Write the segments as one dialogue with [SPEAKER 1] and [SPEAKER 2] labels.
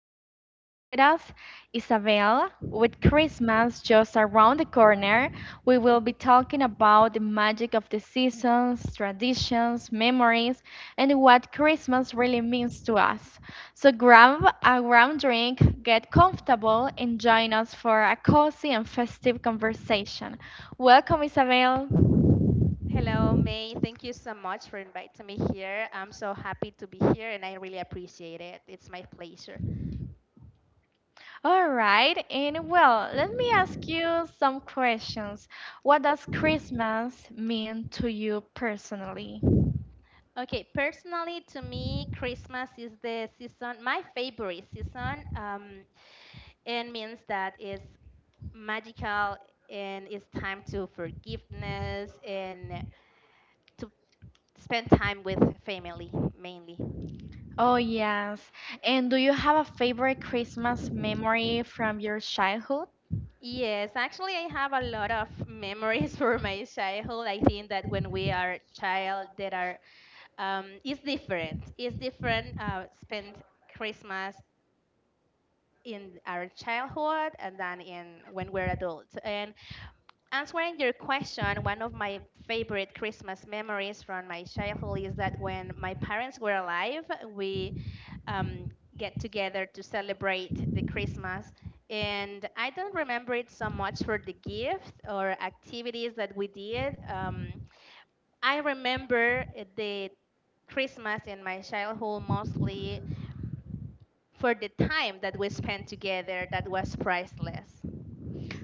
[SPEAKER 1] special guest with us, Isabel. With Christmas just around the corner, we will be talking about the magic of the seasons, traditions, memories, and what Christmas really means to us. So, grab a warm drink, get comfortable, and join us for a cozy and festive conversation. Welcome, Isabel.
[SPEAKER 2] Hello, May. Thank you so much for inviting me here. I'm so happy to be here and I really appreciate it. It's my pleasure.
[SPEAKER 1] All right, and well, let me ask you some questions. What does Christmas mean to you personally?
[SPEAKER 2] Okay, personally, to me, Christmas is the season, my favorite season. It means that it's magical and it's time to forgiveness and to spend time with family mainly.
[SPEAKER 1] Oh, yes. And do you have a favorite Christmas memory from your childhood?
[SPEAKER 2] Yes, actually, I have a lot of memories for my childhood. I think that when we are child, there are it's different. It's different. Spend Christmas in our childhood and then in when we're adults. And answering your question, one of my favorite Christmas memories from my childhood is that when my parents were alive, we um, get together to celebrate the Christmas. And I don't remember it so much for the gifts or activities that we did. I remember the Christmas in my childhood mostly for the time that we spent together that was priceless.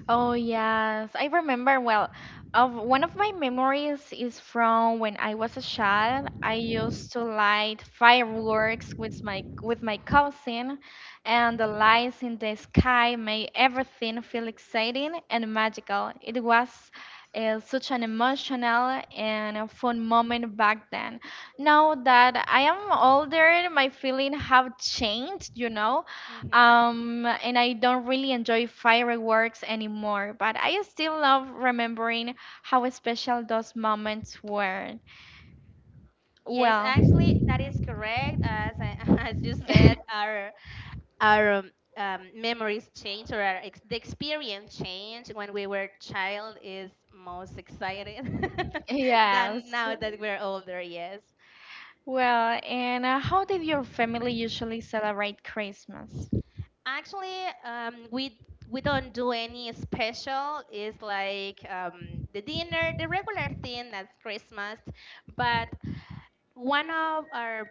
[SPEAKER 1] Oh, yes. I remember well, of one of my memories is from when I was a child. I used to light fireworks with my cousin, and the lights in the sky made everything feel exciting and magical. It was such an emotional and a fun moment back then. Now that I am older, my feelings have changed.
[SPEAKER 2] Hmm.
[SPEAKER 1] And I don't really enjoy fireworks anymore, but I still love remembering how special those moments were.
[SPEAKER 2] Yes,
[SPEAKER 1] Well,
[SPEAKER 2] actually, that is correct. As I, as you said, our our um, memories change or our the experience change when we were child is most exciting than
[SPEAKER 1] yes.
[SPEAKER 2] now that we're older. Yes.
[SPEAKER 1] Well, and how did your family usually celebrate Christmas?
[SPEAKER 2] Actually, we don't do any special. It's like the dinner, the regular thing that's Christmas. But one of our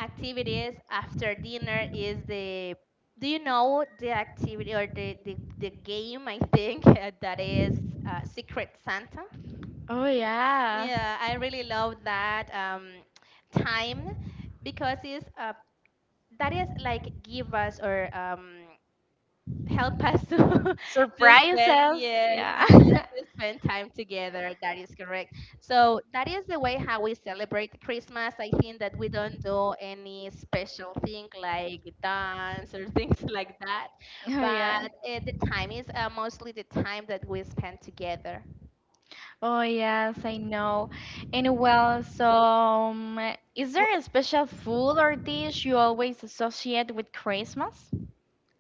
[SPEAKER 2] activities after dinner is the do you know the activity or the game I think that is Secret Santa?
[SPEAKER 1] Oh, yeah.
[SPEAKER 2] Yeah, I really love that time because it's that is like give us or help us to to spend
[SPEAKER 1] Surprises.
[SPEAKER 2] yes,
[SPEAKER 1] Yeah.
[SPEAKER 2] uh-huh, to spend time together that is correct, so that is the way how we celebrate Christmas. I think that we don't do any special thing like dance or things like that,
[SPEAKER 1] Oh, yeah.
[SPEAKER 2] but the time is mostly the time that we spend together.
[SPEAKER 1] Oh yes, I know. And well, so is
[SPEAKER 2] W-
[SPEAKER 1] there a special food or dish you always associate with Christmas?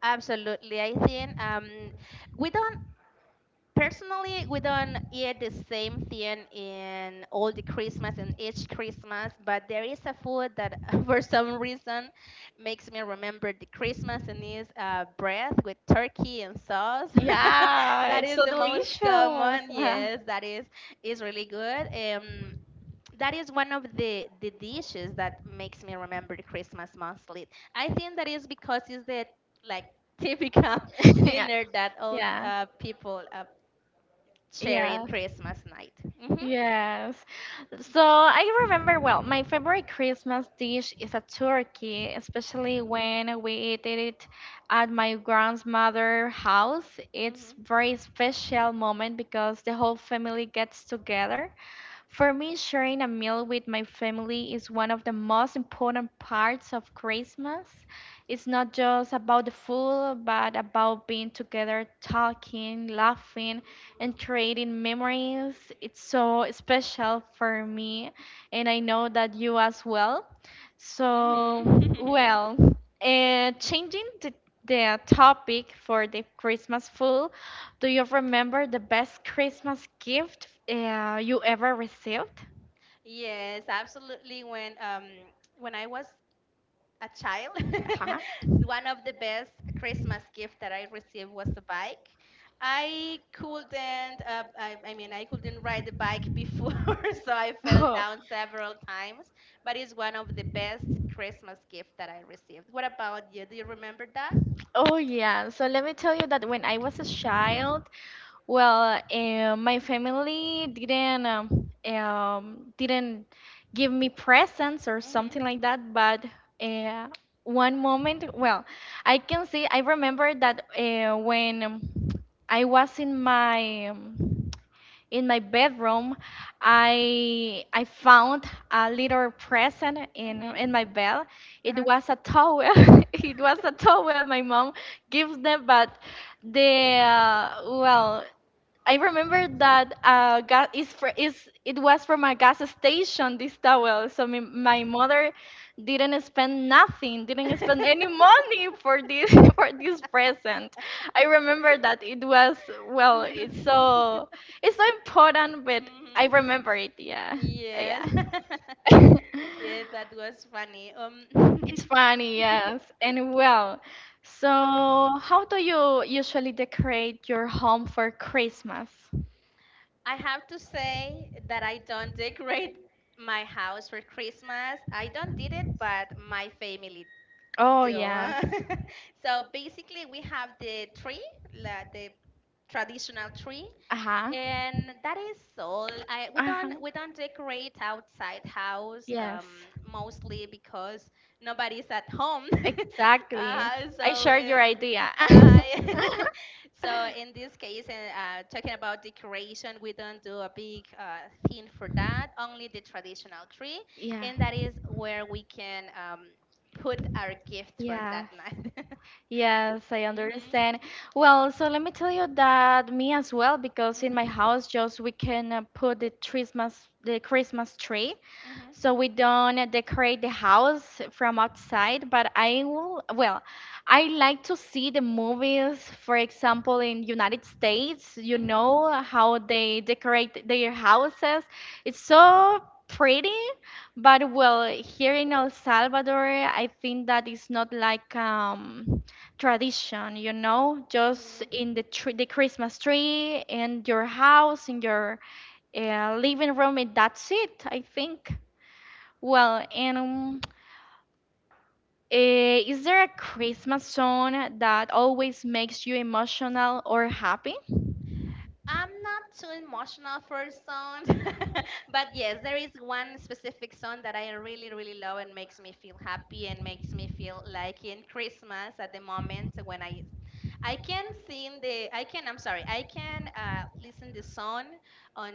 [SPEAKER 2] Absolutely. I think we don't, personally, we don't eat the same thing in all the Christmas and each Christmas, but there is a food that for some reason makes me remember the Christmas, and is bread with turkey and sauce
[SPEAKER 1] Yeah,
[SPEAKER 2] that
[SPEAKER 1] it's
[SPEAKER 2] is
[SPEAKER 1] so
[SPEAKER 2] the most
[SPEAKER 1] delicious.
[SPEAKER 2] common.
[SPEAKER 1] Uh-huh.
[SPEAKER 2] Yes, that is really good. That is one of the dishes that makes me remember the Christmas mostly. I think that is because it's the like typical
[SPEAKER 1] yeah.
[SPEAKER 2] dinner that all
[SPEAKER 1] Yeah.
[SPEAKER 2] people sharing
[SPEAKER 1] Yeah.
[SPEAKER 2] Christmas night. Mhm.
[SPEAKER 1] Yes. So I remember well, my favorite Christmas dish is a turkey, especially when we did it at my grandmother's house. It's
[SPEAKER 2] Mhm.
[SPEAKER 1] very special moment because the whole family gets together. For me, sharing a meal with my family is one of the most important parts of Christmas. It's not just about the food, but about being together, talking, laughing, and creating memories. It's so special for me, and I know that you as well.
[SPEAKER 2] Mhm.
[SPEAKER 1] So, well, changing the topic for the Christmas food, do you remember the best Christmas gift you ever received?
[SPEAKER 2] Yes, absolutely. When I was a child,
[SPEAKER 1] Huh?
[SPEAKER 2] one of the best Christmas gift that I received was a bike. I couldn't. I mean, I couldn't ride the bike before, so I fell
[SPEAKER 1] Oh,
[SPEAKER 2] down several times. But it's one of the best Christmas gift that I received. What about you? Do you remember that?
[SPEAKER 1] oh yeah. So let me tell you that when I was a child, well, my family didn't give me presents or
[SPEAKER 2] Mhm.
[SPEAKER 1] something like that, but uh, one moment, well, I can see, I remember that when I was in my bedroom, I found a little present in
[SPEAKER 2] Mhm.
[SPEAKER 1] in my bed.
[SPEAKER 2] Uh
[SPEAKER 1] It
[SPEAKER 2] huh.
[SPEAKER 1] was a towel. It was a towel my mom gives them, but the well, I remember that gas is for is it was from a gas station this towel. So my mother didn't spend nothing, didn't spend any money for this for this present. I remember that it was well, it's
[SPEAKER 2] Mhm.
[SPEAKER 1] so it's so important, but I remember it. Yeah,
[SPEAKER 2] Yes.
[SPEAKER 1] yeah.
[SPEAKER 2] Yes, that was funny.
[SPEAKER 1] It's funny, yes. And well, so how do you usually decorate your home for Christmas?
[SPEAKER 2] I have to say that I don't decorate my house for Christmas. I don't did it, but my family
[SPEAKER 1] Oh,
[SPEAKER 2] do.
[SPEAKER 1] yes.
[SPEAKER 2] So basically, we have the tree, la the traditional tree,
[SPEAKER 1] Uh-huh.
[SPEAKER 2] and that is all. We
[SPEAKER 1] Uh-huh.
[SPEAKER 2] don't we don't decorate outside house
[SPEAKER 1] Yes.
[SPEAKER 2] mostly because nobody's at home.
[SPEAKER 1] Exactly.
[SPEAKER 2] uh,
[SPEAKER 1] I
[SPEAKER 2] so
[SPEAKER 1] share your
[SPEAKER 2] uh,
[SPEAKER 1] idea.
[SPEAKER 2] I- so in this case, talking about decoration, we don't do a big thing for that. Only the traditional tree,
[SPEAKER 1] Yeah.
[SPEAKER 2] and that is where we can put our gift for that
[SPEAKER 1] Yes.
[SPEAKER 2] night.
[SPEAKER 1] Yes, I
[SPEAKER 2] Hmm.
[SPEAKER 1] understand. Well, so let me tell you that me as well, because in my
[SPEAKER 2] Hmm.
[SPEAKER 1] house just we can put the Christmas tree.
[SPEAKER 2] Hmm.
[SPEAKER 1] So we don't decorate the house from outside, but I will, well, I like to see the movies, for example, in United States, you
[SPEAKER 2] Hmm.
[SPEAKER 1] know how they decorate their houses. It's so pretty, but well, here in El Salvador, I think that it's not like tradition, just
[SPEAKER 2] Hmm.
[SPEAKER 1] in the tree, the Christmas tree, in your house, in your living room, and that's it, I think. Well, and is there a Christmas song that always makes you emotional or happy?
[SPEAKER 2] I'm not too emotional for song, but yes, there is one specific song that I really, really love and makes me feel happy and makes me feel like in Christmas at the moment when I can sing the, I can, I'm sorry, I can listen the song on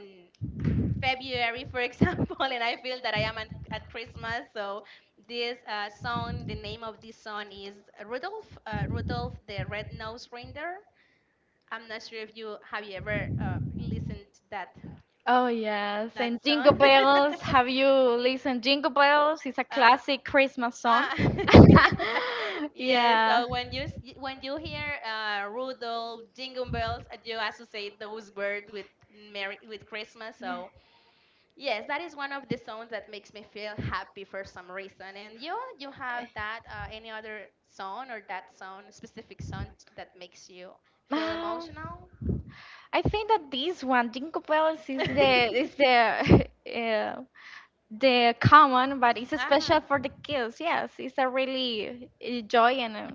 [SPEAKER 2] February, for example, and I feel that I am at Christmas. So this song, the name of this song is Rudolph, Rudolph the Red-Nosed Reindeer. I'm not sure if you have you ever listened that
[SPEAKER 1] Oh yes,
[SPEAKER 2] that
[SPEAKER 1] and
[SPEAKER 2] song.
[SPEAKER 1] Jingle Bells. Have you listened Jingle Bells? It's a
[SPEAKER 2] uh,
[SPEAKER 1] classic Christmas song.
[SPEAKER 2] uh, yeah.
[SPEAKER 1] yeah.
[SPEAKER 2] So when you when you hear Rudolph, Jingle Bells, you associate those words with Merry with Christmas.
[SPEAKER 1] Yeah.
[SPEAKER 2] So yes, that is one of the songs that makes me feel happy for some reason. And you have that any other song or that song specific song that makes you feel
[SPEAKER 1] Um,
[SPEAKER 2] emotional?
[SPEAKER 1] I think that this one, Dinkelpels, is the
[SPEAKER 2] Uh
[SPEAKER 1] is the the common, but it's special for
[SPEAKER 2] huh.
[SPEAKER 1] the kids. Yes, it's a really joy and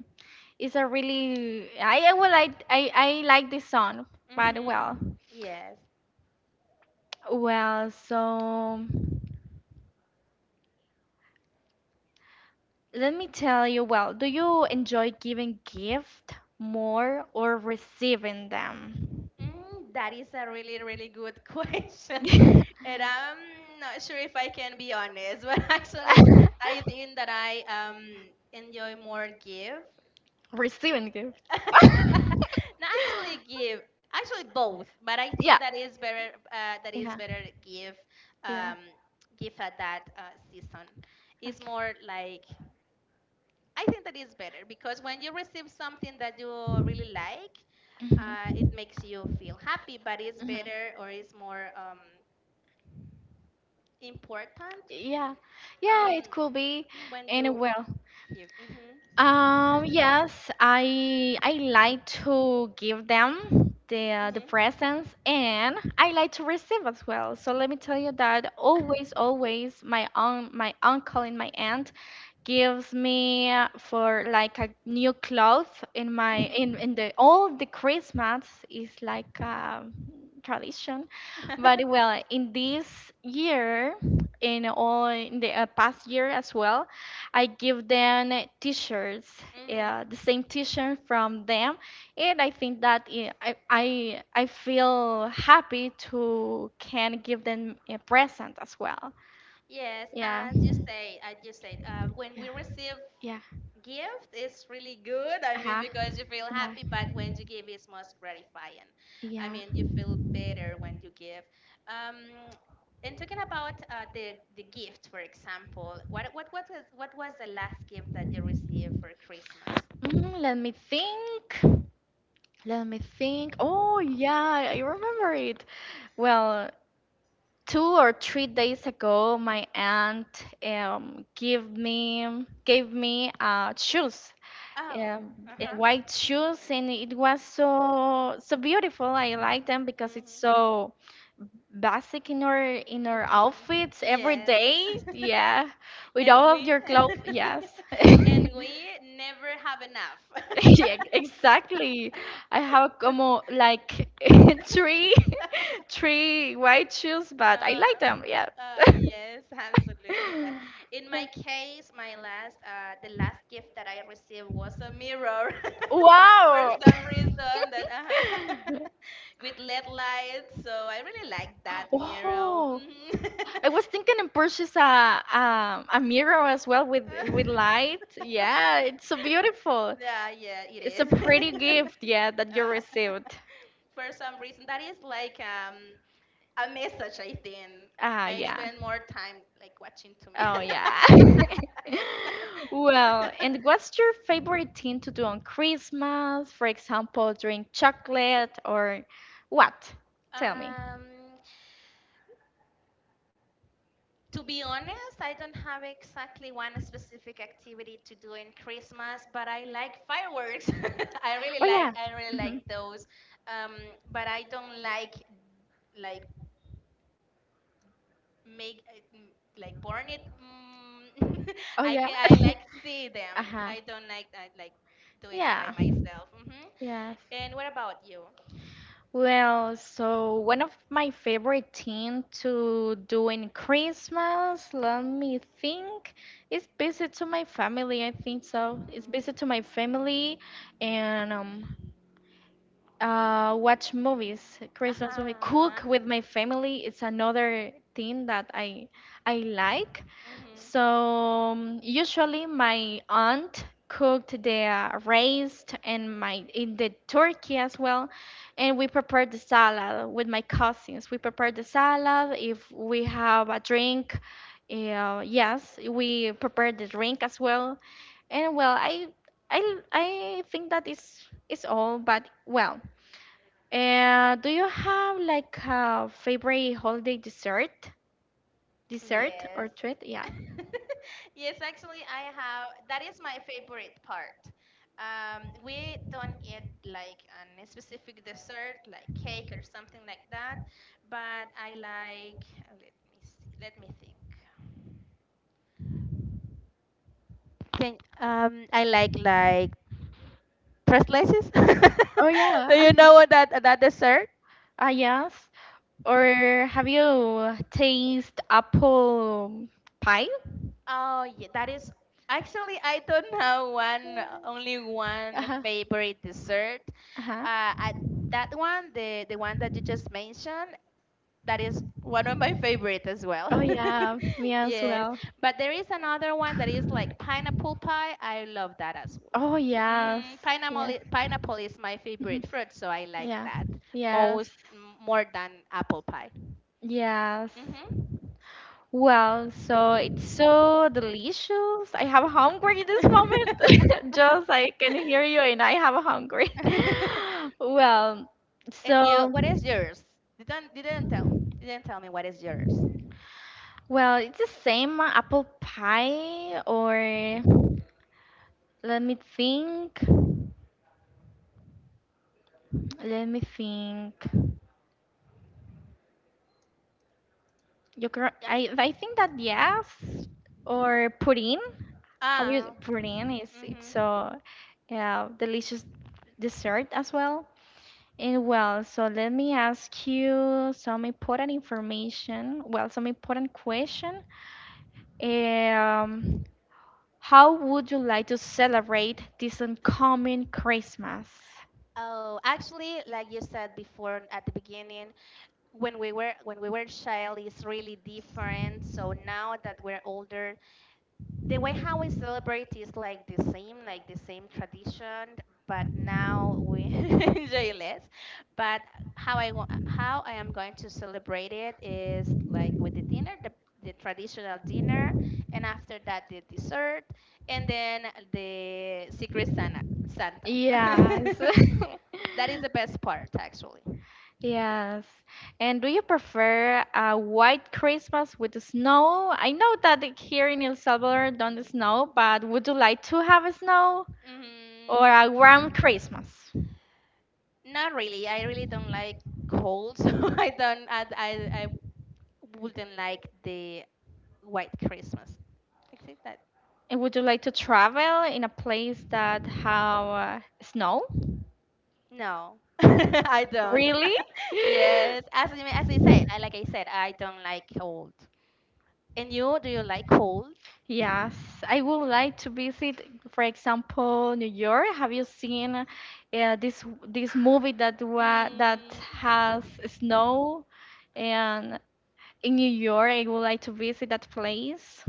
[SPEAKER 1] it's a really I would like I like this song, but well,
[SPEAKER 2] Mhm. Yes.
[SPEAKER 1] well. So let me tell you. Well, do you enjoy giving gift more or receiving them?
[SPEAKER 2] Mm, that is a really, really good question. And I'm not sure if I can be honest, but actually, I think that I enjoy more give.
[SPEAKER 1] Receiving gift.
[SPEAKER 2] Not actually give, actually both, but I
[SPEAKER 1] yeah.
[SPEAKER 2] think that is better. That is
[SPEAKER 1] Yeah.
[SPEAKER 2] better give.
[SPEAKER 1] Yeah.
[SPEAKER 2] Um, give at that season. It's
[SPEAKER 1] Okay.
[SPEAKER 2] more like I think that is better because when you receive something that you really like it
[SPEAKER 1] Mhm.
[SPEAKER 2] makes you feel happy, but it's
[SPEAKER 1] Mhm.
[SPEAKER 2] better or it's more important
[SPEAKER 1] Yeah. Yeah,
[SPEAKER 2] um,
[SPEAKER 1] it could be
[SPEAKER 2] when you
[SPEAKER 1] anywhere.
[SPEAKER 2] give. Hmm.
[SPEAKER 1] Yes, I like to give them the
[SPEAKER 2] Hmm.
[SPEAKER 1] presents and I like to receive as well. So let me tell you that always, always my uncle and my aunt gives me for like a new cloth in my in the all the Christmas is like a tradition. But
[SPEAKER 2] Hmm.
[SPEAKER 1] well, in this year, in the past year as well. I give them t-shirts, the same t-shirt from them, and I think that I feel happy to can give them a present as well.
[SPEAKER 2] Yes,
[SPEAKER 1] Yeah. Yeah.
[SPEAKER 2] as you say, as you said, when we receive
[SPEAKER 1] Yeah.
[SPEAKER 2] gift, it's really good. I mean,
[SPEAKER 1] Uh-huh.
[SPEAKER 2] because you feel happy, but when
[SPEAKER 1] Yeah.
[SPEAKER 2] you give, it's most gratifying. I
[SPEAKER 1] Yeah.
[SPEAKER 2] mean, you feel better when you give. Um, and talking about the gift, for example, what was the last gift that you received for Christmas?
[SPEAKER 1] Let me think. Let me think. Oh yeah, I remember it. Well, 2 or 3 days ago, my aunt give me gave me shoes,
[SPEAKER 2] Oh,
[SPEAKER 1] um,
[SPEAKER 2] uh huh.
[SPEAKER 1] white shoes, and it was so so beautiful. I like them because it's
[SPEAKER 2] Mm-hmm.
[SPEAKER 1] so basic in our
[SPEAKER 2] Mm-hmm.
[SPEAKER 1] outfits every
[SPEAKER 2] Yes,
[SPEAKER 1] day. Yeah, with
[SPEAKER 2] and
[SPEAKER 1] all of
[SPEAKER 2] we
[SPEAKER 1] your clothes. Yes.
[SPEAKER 2] and we never have enough.
[SPEAKER 1] Yeah, exactly. I have como like three three white shoes, but I like
[SPEAKER 2] Uh,
[SPEAKER 1] them. Yeah.
[SPEAKER 2] yes, absolutely. That in my
[SPEAKER 1] Yeah.
[SPEAKER 2] case, my last, the last gift that I received was a mirror for
[SPEAKER 1] Wow.
[SPEAKER 2] some reason that with LED lights. So I really like that mirror.
[SPEAKER 1] Oh,
[SPEAKER 2] Mhm.
[SPEAKER 1] I was thinking and purchase a mirror as well with light. Yeah, it's so beautiful.
[SPEAKER 2] Yeah, yeah, it
[SPEAKER 1] It's a
[SPEAKER 2] is.
[SPEAKER 1] pretty gift, yeah, that you
[SPEAKER 2] uh,
[SPEAKER 1] received.
[SPEAKER 2] for some reason, that is like a message. I think
[SPEAKER 1] Ah,
[SPEAKER 2] I
[SPEAKER 1] yeah.
[SPEAKER 2] spend more time like watching to me.
[SPEAKER 1] Oh, yeah. Well, and what's your favorite thing to do on Christmas? For example, drink chocolate or what? Tell me.
[SPEAKER 2] um. To be honest, I don't have exactly one specific activity to do in Christmas, but I like fireworks.
[SPEAKER 1] Oh, yeah.
[SPEAKER 2] I really like
[SPEAKER 1] Mhm.
[SPEAKER 2] those. Um, but I don't like make like burn it. Mm,
[SPEAKER 1] Oh,
[SPEAKER 2] I
[SPEAKER 1] yeah.
[SPEAKER 2] can I like see them.
[SPEAKER 1] Uh-huh.
[SPEAKER 2] I don't like I like do it by
[SPEAKER 1] Yeah.
[SPEAKER 2] myself. Hmm.
[SPEAKER 1] Yes.
[SPEAKER 2] And what about you?
[SPEAKER 1] Well, so one of my favorite things to do in Christmas, let me think, is visit to my family. I think so. It's visit
[SPEAKER 2] Mm-hmm.
[SPEAKER 1] to my family and watch movies, Christmas movie, cook
[SPEAKER 2] Uh-huh.
[SPEAKER 1] with my family. It's another thing that I like. So
[SPEAKER 2] Mm-hmm.
[SPEAKER 1] usually my aunt cooked the raised and my in the turkey as well, and we prepared the salad with my cousins. We prepared the salad. If we have a drink, yes, we prepared the drink as well. And well, I think that is all. But well.
[SPEAKER 2] And
[SPEAKER 1] And do you have like a favorite holiday dessert? Dessert
[SPEAKER 2] yes.
[SPEAKER 1] or treat? Yeah.
[SPEAKER 2] Yes, actually, I have. That is my favorite part. We don't eat like a specific dessert, like cake or something like that. But I like. Let me see. Let me think. Can I like tres leches?
[SPEAKER 1] Oh yeah.
[SPEAKER 2] Do you know what that that dessert?
[SPEAKER 1] Ah yes. Or have you tasted apple pie?
[SPEAKER 2] Oh, yeah, that is actually I don't have one only one
[SPEAKER 1] Uh-huh.
[SPEAKER 2] favorite dessert.
[SPEAKER 1] Uh-huh.
[SPEAKER 2] Uh, I, that one, the one that you just mentioned, that is one of my favorite as well.
[SPEAKER 1] Oh yeah, me as
[SPEAKER 2] Yes,
[SPEAKER 1] well.
[SPEAKER 2] but there is another one that is like pineapple pie. I love that as well.
[SPEAKER 1] Oh yes.
[SPEAKER 2] Mm, pineapple,
[SPEAKER 1] Yeah.
[SPEAKER 2] pineapple is my
[SPEAKER 1] Mhm.
[SPEAKER 2] favorite fruit, so I like
[SPEAKER 1] Yeah.
[SPEAKER 2] that
[SPEAKER 1] Yes.
[SPEAKER 2] most more than apple pie.
[SPEAKER 1] Yes. Well, so it's so delicious. I have hungry this moment. Just I can hear you and I have hungry.
[SPEAKER 2] Hmm.
[SPEAKER 1] Well,
[SPEAKER 2] And you,
[SPEAKER 1] so
[SPEAKER 2] what is yours? Didn't tell me. Didn't tell me what is yours.
[SPEAKER 1] well, it's the same apple pie or let me think. Let me think. You can, I think that yes or pudding. Have you
[SPEAKER 2] Ah.
[SPEAKER 1] pudding is it's
[SPEAKER 2] Mhm.
[SPEAKER 1] so yeah, delicious dessert as well. And well, so let me ask you some important information. Well, some important question. Um, how would you like to celebrate this upcoming Christmas?
[SPEAKER 2] Oh, actually, like you said before at the beginning, when we were child is really different. So now that we're older, the way how we celebrate is like the same tradition, but now we enjoy less. But how I how I am going to celebrate it is like with the dinner, the traditional dinner, and after that the dessert, and then the secret Santa. Santa.
[SPEAKER 1] Yes.
[SPEAKER 2] That is the best part, actually.
[SPEAKER 1] Yes. And do you prefer a white Christmas with the snow? I know that here in El Salvador don't snow, but would you like to have a snow or a warm
[SPEAKER 2] Mm,
[SPEAKER 1] Christmas?
[SPEAKER 2] not really. I really don't like cold, so I don't. I wouldn't like the white Christmas. Except that
[SPEAKER 1] And would you like to travel in a place that have snow?
[SPEAKER 2] no, I don't.
[SPEAKER 1] Really?
[SPEAKER 2] Yes, as I said, I, like I said, I don't like cold. And you, do you like cold?
[SPEAKER 1] Yes, I would like to visit, for example, New York. Have you seen this movie that wa that
[SPEAKER 2] Mm,
[SPEAKER 1] has snow? And in New York, I would like to visit that place.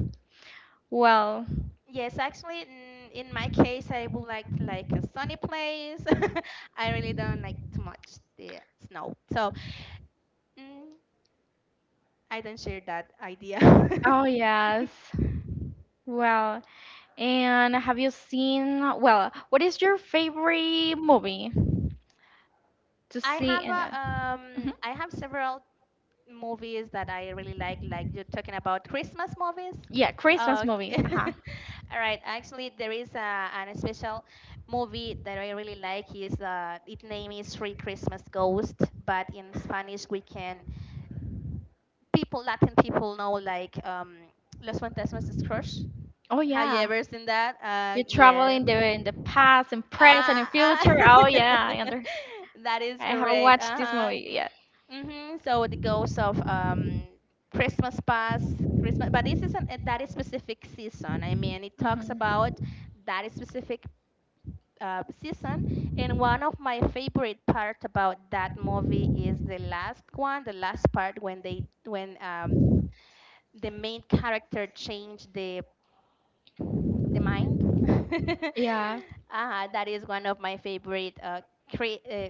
[SPEAKER 1] Well,
[SPEAKER 2] yes, actually, in my case, I would like to like a sunny place. I really don't like too much the snow, so mm, I don't share that idea.
[SPEAKER 1] oh yes. Well, and have you seen, well, what is your favorite movie to
[SPEAKER 2] I
[SPEAKER 1] see
[SPEAKER 2] have
[SPEAKER 1] in
[SPEAKER 2] a,
[SPEAKER 1] it? Mhm.
[SPEAKER 2] I have several movies that I really like you're talking about Christmas movies.
[SPEAKER 1] Yeah, Christmas movie.
[SPEAKER 2] Okay.
[SPEAKER 1] Uh huh.
[SPEAKER 2] All right. Actually, there is a, an special movie that I really like. Is its name is Three Christmas Ghost, but in Spanish we can people Latin people know like Los Fantasmas de Scrooge.
[SPEAKER 1] Oh
[SPEAKER 2] Have you
[SPEAKER 1] yeah.
[SPEAKER 2] ever seen that?
[SPEAKER 1] You travel
[SPEAKER 2] Yeah.
[SPEAKER 1] in the past and present and
[SPEAKER 2] Uh, uh,
[SPEAKER 1] future. Oh yeah, I understand.
[SPEAKER 2] that is
[SPEAKER 1] I haven't
[SPEAKER 2] correct.
[SPEAKER 1] watched
[SPEAKER 2] Uh
[SPEAKER 1] this
[SPEAKER 2] huh.
[SPEAKER 1] movie yet.
[SPEAKER 2] Mm-hmm. So it goes of Christmas past, Christmas, but this isn't at that specific season. I mean, it talks
[SPEAKER 1] Hmm.
[SPEAKER 2] about that specific season, and one of my favorite part about that movie is the last one, the last part when they when the main character changed the mind.
[SPEAKER 1] Yeah.
[SPEAKER 2] That is one of my favorite cre- uh,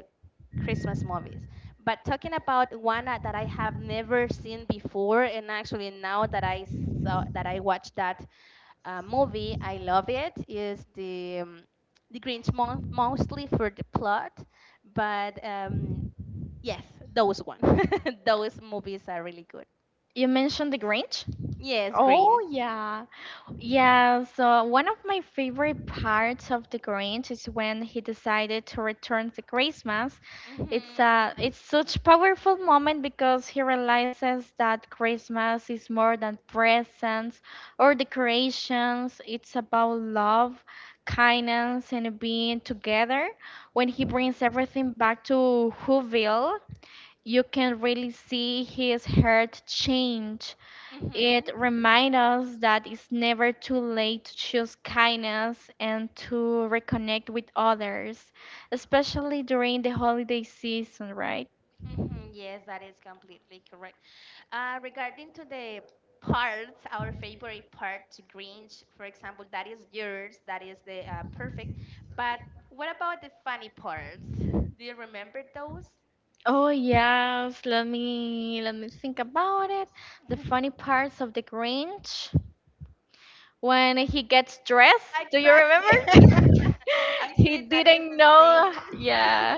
[SPEAKER 2] Christmas movies. But talking about one that I have never seen before, and actually now that I saw that I watched that movie, I love it. Is the Grinch mostly for the plot, but yes, those one, those movies are really good.
[SPEAKER 1] You mentioned the Grinch?
[SPEAKER 2] Yes, Grinch.
[SPEAKER 1] Oh yeah. Yeah, so one of my favorite parts of the Grinch is when he decided to return to Christmas. It's a
[SPEAKER 2] Mhm.
[SPEAKER 1] it's such powerful moment because he realizes that Christmas is more than presents or decorations. It's about love, kindness, and being together. When he brings
[SPEAKER 2] Mhm.
[SPEAKER 1] everything back to Whoville, you can really see his heart change. It
[SPEAKER 2] Mhm.
[SPEAKER 1] reminds us that it's never too late to choose kindness and to reconnect with others, especially during the holiday season, right?
[SPEAKER 2] Mhm. Yes, that is completely correct. Regarding to the parts, our favorite part to Grinch, for example, that is yours, that is the perfect. But what about the funny parts? Do you remember those?
[SPEAKER 1] Oh yes, let me think about it. The funny parts of the Grinch when he gets dressed. Do you
[SPEAKER 2] Exactly.
[SPEAKER 1] remember?
[SPEAKER 2] Actually,
[SPEAKER 1] He
[SPEAKER 2] that is
[SPEAKER 1] didn't
[SPEAKER 2] the
[SPEAKER 1] know.
[SPEAKER 2] same.
[SPEAKER 1] Yeah.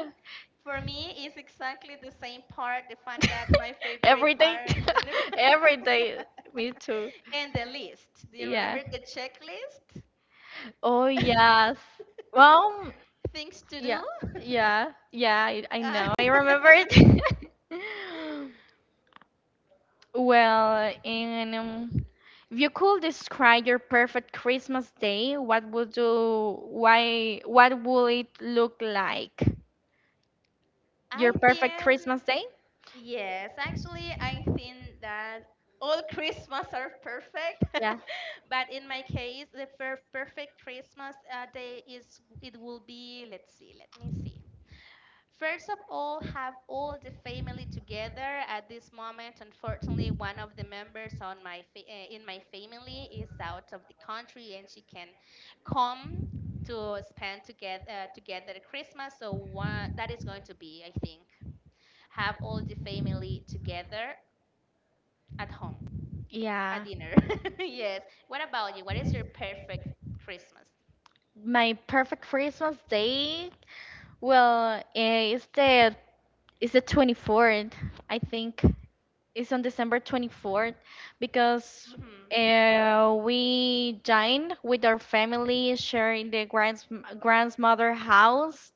[SPEAKER 2] For me, it's exactly the same part, the fun that my
[SPEAKER 1] Every
[SPEAKER 2] favorite
[SPEAKER 1] day,
[SPEAKER 2] part of the
[SPEAKER 1] every day. Me too.
[SPEAKER 2] and the list. Do you
[SPEAKER 1] Yeah.
[SPEAKER 2] remember the checklist?
[SPEAKER 1] Oh yes. Well,
[SPEAKER 2] Things to
[SPEAKER 1] yeah,
[SPEAKER 2] do?
[SPEAKER 1] yeah, yeah. I know. I
[SPEAKER 2] Uh,
[SPEAKER 1] remember it. Well, and if you could describe your perfect Christmas day, what would you? Why? What would it look like?
[SPEAKER 2] I
[SPEAKER 1] Your perfect
[SPEAKER 2] think,
[SPEAKER 1] Christmas day?
[SPEAKER 2] yes, actually, I think that all Christmas are perfect.
[SPEAKER 1] Yeah.
[SPEAKER 2] But in my case, the perfect Christmas day is, it will be, let's see, let me see. First of all, have all the family together at this moment. Unfortunately, one of the members in my family is out of the country and she can come to spend together Christmas. So one, that is going to be, I think have all the family together at home at
[SPEAKER 1] Yeah.
[SPEAKER 2] dinner. Yes. What about you? What is your perfect Christmas?
[SPEAKER 1] My perfect Christmas day. Well, It's the 24th, I think. It's on December 24th because
[SPEAKER 2] Mhm.
[SPEAKER 1] we dined with our family, sharing the grands grandmother house.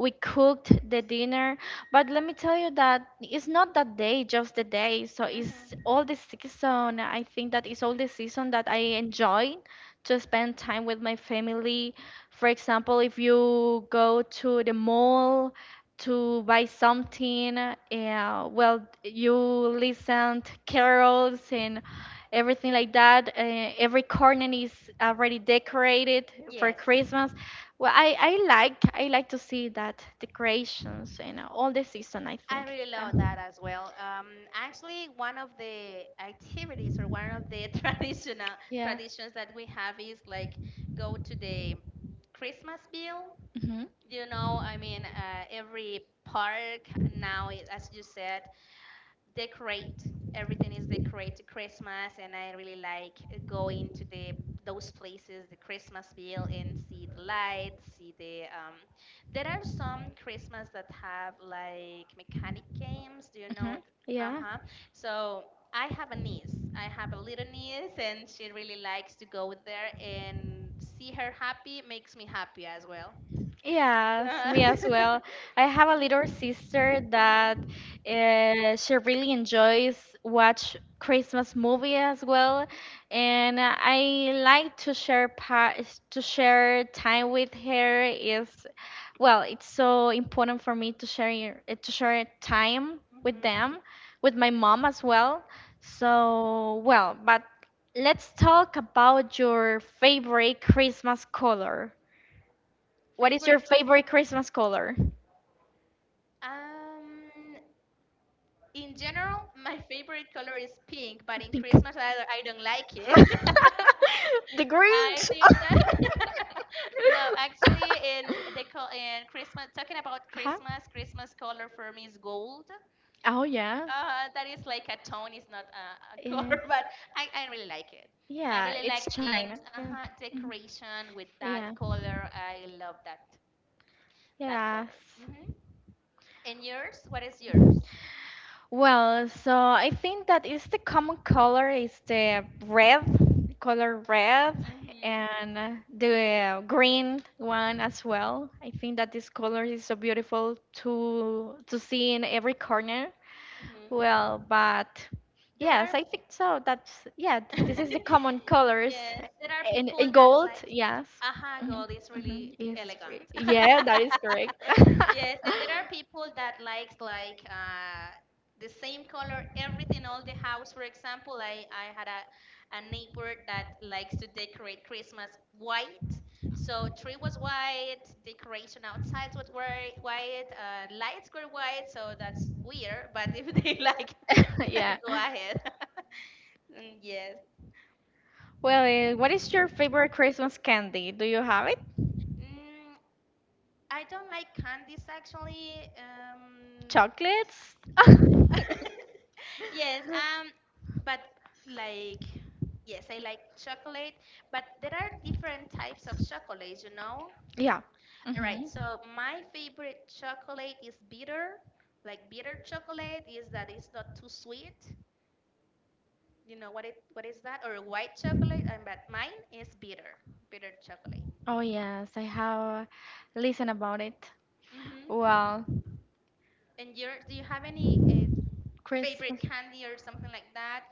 [SPEAKER 1] We cooked the dinner, but let me tell you that it's not that day, just the day. So it's
[SPEAKER 2] Mhm.
[SPEAKER 1] all the season. I think that it's all the season that I enjoy to spend time with my family. For example, if you go to the mall to buy something. Well, you listened carols and everything like that. Every corner is already decorated for
[SPEAKER 2] Yes.
[SPEAKER 1] Christmas. Well, I I like to see that decorations and all the season, I
[SPEAKER 2] I
[SPEAKER 1] think.
[SPEAKER 2] really love that as well. Actually, one of the activities or one of the traditional
[SPEAKER 1] Yeah. Yeah.
[SPEAKER 2] traditions that we have is like go to the Christmas bill.
[SPEAKER 1] Mhm.
[SPEAKER 2] I mean, every park now, as you said, decorate everything is decorated Christmas, and I really like going to the those places, the Christmasville, and see the lights, see the there are some Christmas that have like mechanic games, do you know?
[SPEAKER 1] Mhm. Yeah.
[SPEAKER 2] Uh-huh. So I have a little niece and she really likes to go there, and see her happy makes me happy as well.
[SPEAKER 1] Yes, me
[SPEAKER 2] Mhm,
[SPEAKER 1] as well. I have a little sister that
[SPEAKER 2] mhm,
[SPEAKER 1] she really enjoys watch Christmas movie as well, and I like to share pa to share time with her. Is well, it's so important for me to share time with
[SPEAKER 2] mhm.
[SPEAKER 1] them, with my mom as well. So well, but let's talk about your favorite Christmas color. What is your
[SPEAKER 2] favorite
[SPEAKER 1] favorite Christmas color?
[SPEAKER 2] Um, in general, my favorite color is pink, but in Christmas I, I don't like it.
[SPEAKER 1] The
[SPEAKER 2] I
[SPEAKER 1] Grinch,
[SPEAKER 2] think that no, actually, in Christmas, talking about
[SPEAKER 1] huh?
[SPEAKER 2] Christmas, Christmas color for me is gold.
[SPEAKER 1] Oh yeah.
[SPEAKER 2] That is like a tone, it's not a
[SPEAKER 1] Yeah.
[SPEAKER 2] color, but I really like it. I
[SPEAKER 1] Yeah,
[SPEAKER 2] really like
[SPEAKER 1] it's
[SPEAKER 2] the
[SPEAKER 1] China.
[SPEAKER 2] end,
[SPEAKER 1] Yeah.
[SPEAKER 2] uh-huh,
[SPEAKER 1] Mhm.
[SPEAKER 2] decoration with that
[SPEAKER 1] Yeah.
[SPEAKER 2] color. I love that
[SPEAKER 1] Yes.
[SPEAKER 2] color. Hmm. And yours? What is yours?
[SPEAKER 1] Well, so I think that is the common color is the red, color red,
[SPEAKER 2] Hmm.
[SPEAKER 1] and the green one as well. I think that this color is so beautiful to see in every corner.
[SPEAKER 2] Hmm.
[SPEAKER 1] Well, but
[SPEAKER 2] There are
[SPEAKER 1] yes, I think so. That's yeah, this is the common colors
[SPEAKER 2] yes, there are people
[SPEAKER 1] in
[SPEAKER 2] that
[SPEAKER 1] gold,
[SPEAKER 2] like,
[SPEAKER 1] yes.
[SPEAKER 2] aha,
[SPEAKER 1] Mhm,
[SPEAKER 2] gold is really
[SPEAKER 1] mhm, yes,
[SPEAKER 2] elegant.
[SPEAKER 1] yeah, that is correct.
[SPEAKER 2] Yes, and there are people that likes like the same color everything all the house. For example, I had a neighbor that likes to decorate Christmas white. So tree was white, decoration outside was white, lights were white. So that's weird. But if they like,
[SPEAKER 1] Yeah.
[SPEAKER 2] go ahead. Mm, yes.
[SPEAKER 1] Well, what is your favorite Christmas candy? Do you have it?
[SPEAKER 2] Mm, I don't like candies actually. Um,
[SPEAKER 1] Chocolates?
[SPEAKER 2] yes, but like, yes, I like chocolate, but there are different types of chocolate, you know?
[SPEAKER 1] Yeah.
[SPEAKER 2] All right,
[SPEAKER 1] Mhm.
[SPEAKER 2] so my favorite chocolate is bitter. Like bitter chocolate is that it's not too sweet. You know what is that? Or white chocolate, and but mine is bitter, bitter chocolate.
[SPEAKER 1] Oh yes, I have listened about it.
[SPEAKER 2] Mm-hmm.
[SPEAKER 1] Well,
[SPEAKER 2] And your do you have any favorite
[SPEAKER 1] Christmas.
[SPEAKER 2] candy or something like that?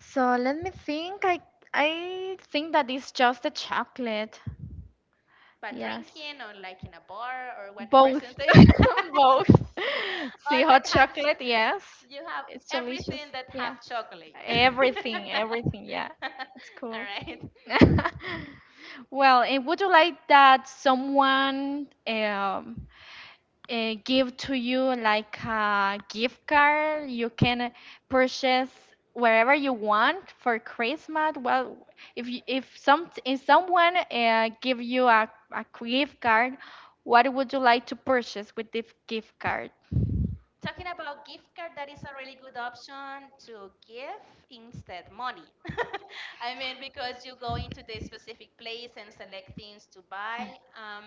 [SPEAKER 1] So let me think. I think that it's just the chocolate.
[SPEAKER 2] But
[SPEAKER 1] Yes.
[SPEAKER 2] drinking or like in a bar or what
[SPEAKER 1] Both.
[SPEAKER 2] percentage?
[SPEAKER 1] Both. See,
[SPEAKER 2] all that
[SPEAKER 1] hot
[SPEAKER 2] have
[SPEAKER 1] chocolate,
[SPEAKER 2] ch-
[SPEAKER 1] yes.
[SPEAKER 2] You have
[SPEAKER 1] It's delicious.
[SPEAKER 2] everything that
[SPEAKER 1] Yeah.
[SPEAKER 2] have chocolate.
[SPEAKER 1] Everything, everything, yeah.
[SPEAKER 2] All
[SPEAKER 1] It's cool.
[SPEAKER 2] right,
[SPEAKER 1] Well, and would you like that someone give to you like a gift card? You can purchase wherever you want for Christmas. Well, if you, if someone give you a gift card, what would you like to purchase with this gift card?
[SPEAKER 2] talking about gift card, that is a really good option to give instead money. I mean, because you go into the specific place and select things to buy.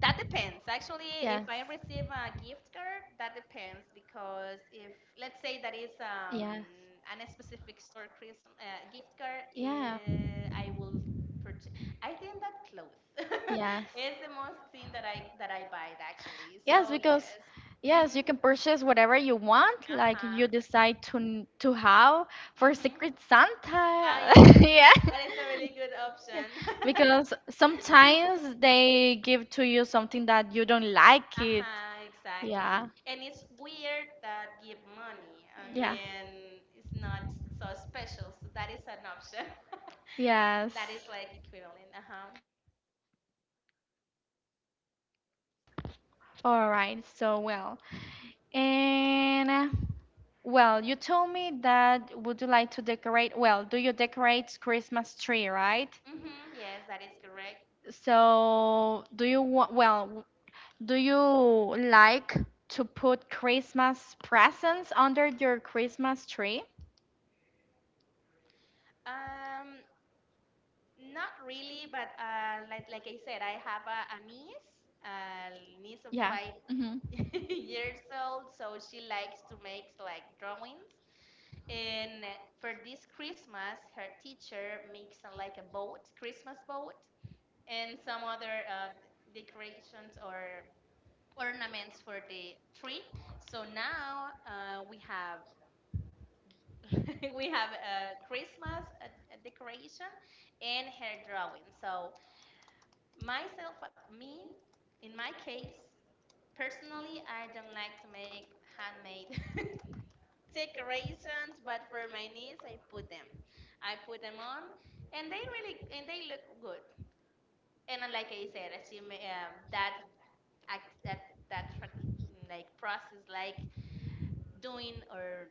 [SPEAKER 2] That depends. Actually, if
[SPEAKER 1] Yes.
[SPEAKER 2] I receive a gift card, that depends because if let's say that is
[SPEAKER 1] Yes.
[SPEAKER 2] an specific store Christmas gift card,
[SPEAKER 1] Yeah.
[SPEAKER 2] I will purchase. I think that clothes
[SPEAKER 1] Yes.
[SPEAKER 2] is the most thing that I buy it actually.
[SPEAKER 1] Yes,
[SPEAKER 2] So
[SPEAKER 1] because
[SPEAKER 2] yes.
[SPEAKER 1] yes, you
[SPEAKER 2] Mhm.
[SPEAKER 1] can purchase whatever you want,
[SPEAKER 2] Uh
[SPEAKER 1] like you
[SPEAKER 2] huh.
[SPEAKER 1] decide to to have for
[SPEAKER 2] Mhm.
[SPEAKER 1] Secret
[SPEAKER 2] Ah,
[SPEAKER 1] Santa.
[SPEAKER 2] yes.
[SPEAKER 1] Yeah.
[SPEAKER 2] That is a really good
[SPEAKER 1] Yeah,
[SPEAKER 2] option.
[SPEAKER 1] because sometimes they give to you something that you don't like it.
[SPEAKER 2] Uh-huh, exactly.
[SPEAKER 1] Yeah.
[SPEAKER 2] And it's weird that give money. I
[SPEAKER 1] Yeah.
[SPEAKER 2] mean, it's not so special. So that is an option.
[SPEAKER 1] Yes.
[SPEAKER 2] That is like equivalent. Uh-huh.
[SPEAKER 1] All right. So, well, and well, you told me that would you like to decorate? Well, do you decorate Christmas tree, right?
[SPEAKER 2] Mm-hmm, yes, that is correct.
[SPEAKER 1] So, do you want, well, do you like to put Christmas presents under your Christmas tree?
[SPEAKER 2] Um, Not really, but like I said, I have a niece of
[SPEAKER 1] Yeah.
[SPEAKER 2] 5
[SPEAKER 1] Hmm.
[SPEAKER 2] years old. So she likes to make like drawings. And for this Christmas, her teacher makes like a boat, Christmas boat. And some other decorations or ornaments for the tree. So now we have we have a Christmas decoration and her drawing. So me, in my case, personally, I don't like to make handmade decorations, but for my niece, I put them. I put them on, and they look good. And like I said, as you may, that act that that tra- like process, like doing or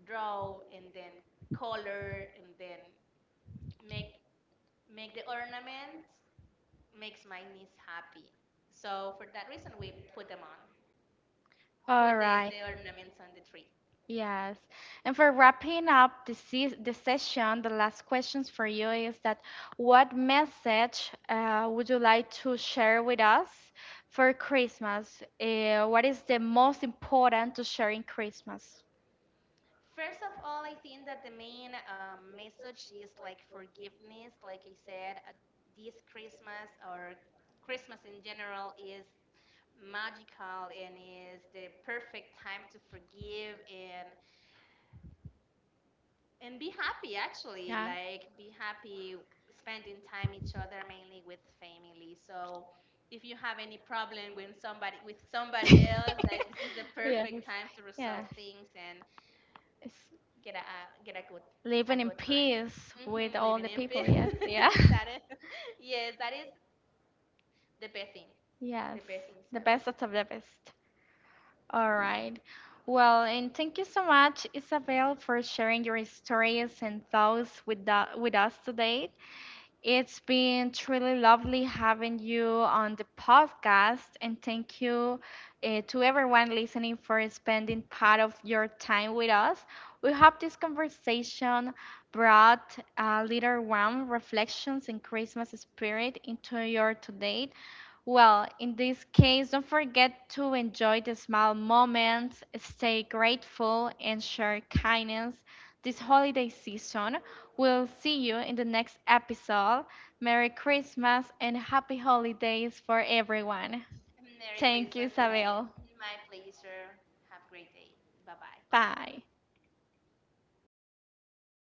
[SPEAKER 2] draw and then color and then make make the ornament makes my niece happy. So for that reason, we put them on,
[SPEAKER 1] All
[SPEAKER 2] put the,
[SPEAKER 1] right.
[SPEAKER 2] the ornaments on the tree.
[SPEAKER 1] Yes. And for wrapping up the session, the last questions for you is that what message would you like to share with us for Christmas? What is the most important to share in Christmas?
[SPEAKER 2] First of all, I think that the main message is like forgiveness, like I said. This Christmas or Christmas in general is magical and is the perfect time to forgive and be happy, actually,
[SPEAKER 1] Yeah.
[SPEAKER 2] like be happy spending time each other, mainly with family. So if you have any problem with somebody else, that this is the
[SPEAKER 1] Yes.
[SPEAKER 2] perfect time to resolve
[SPEAKER 1] Yes.
[SPEAKER 2] things and
[SPEAKER 1] It's
[SPEAKER 2] get a a- get a good a
[SPEAKER 1] living in
[SPEAKER 2] good time.
[SPEAKER 1] peace with all
[SPEAKER 2] Living
[SPEAKER 1] the
[SPEAKER 2] in peace.
[SPEAKER 1] people. Yes. Yeah.
[SPEAKER 2] That is, yes, that is the best thing the
[SPEAKER 1] Yes,
[SPEAKER 2] best things
[SPEAKER 1] the
[SPEAKER 2] ever.
[SPEAKER 1] best of the best. All right. Well, and thank you so much, Isabel, for sharing your stories and thoughts with the, with us today. It's been truly lovely having you on the podcast, and thank you to everyone listening for spending part of your time with us. We hope this conversation brought a little warm reflections and Christmas spirit into your today. Well, in this case, don't forget to enjoy the small moments, stay grateful, and share kindness this holiday season. We'll see you in the next episode. Merry Christmas and happy holidays for everyone.
[SPEAKER 2] Merry
[SPEAKER 1] Thank
[SPEAKER 2] Christmas,
[SPEAKER 1] you,
[SPEAKER 2] May.
[SPEAKER 1] Isabel.
[SPEAKER 2] My pleasure. Have a great day. Bye bye.
[SPEAKER 1] Bye.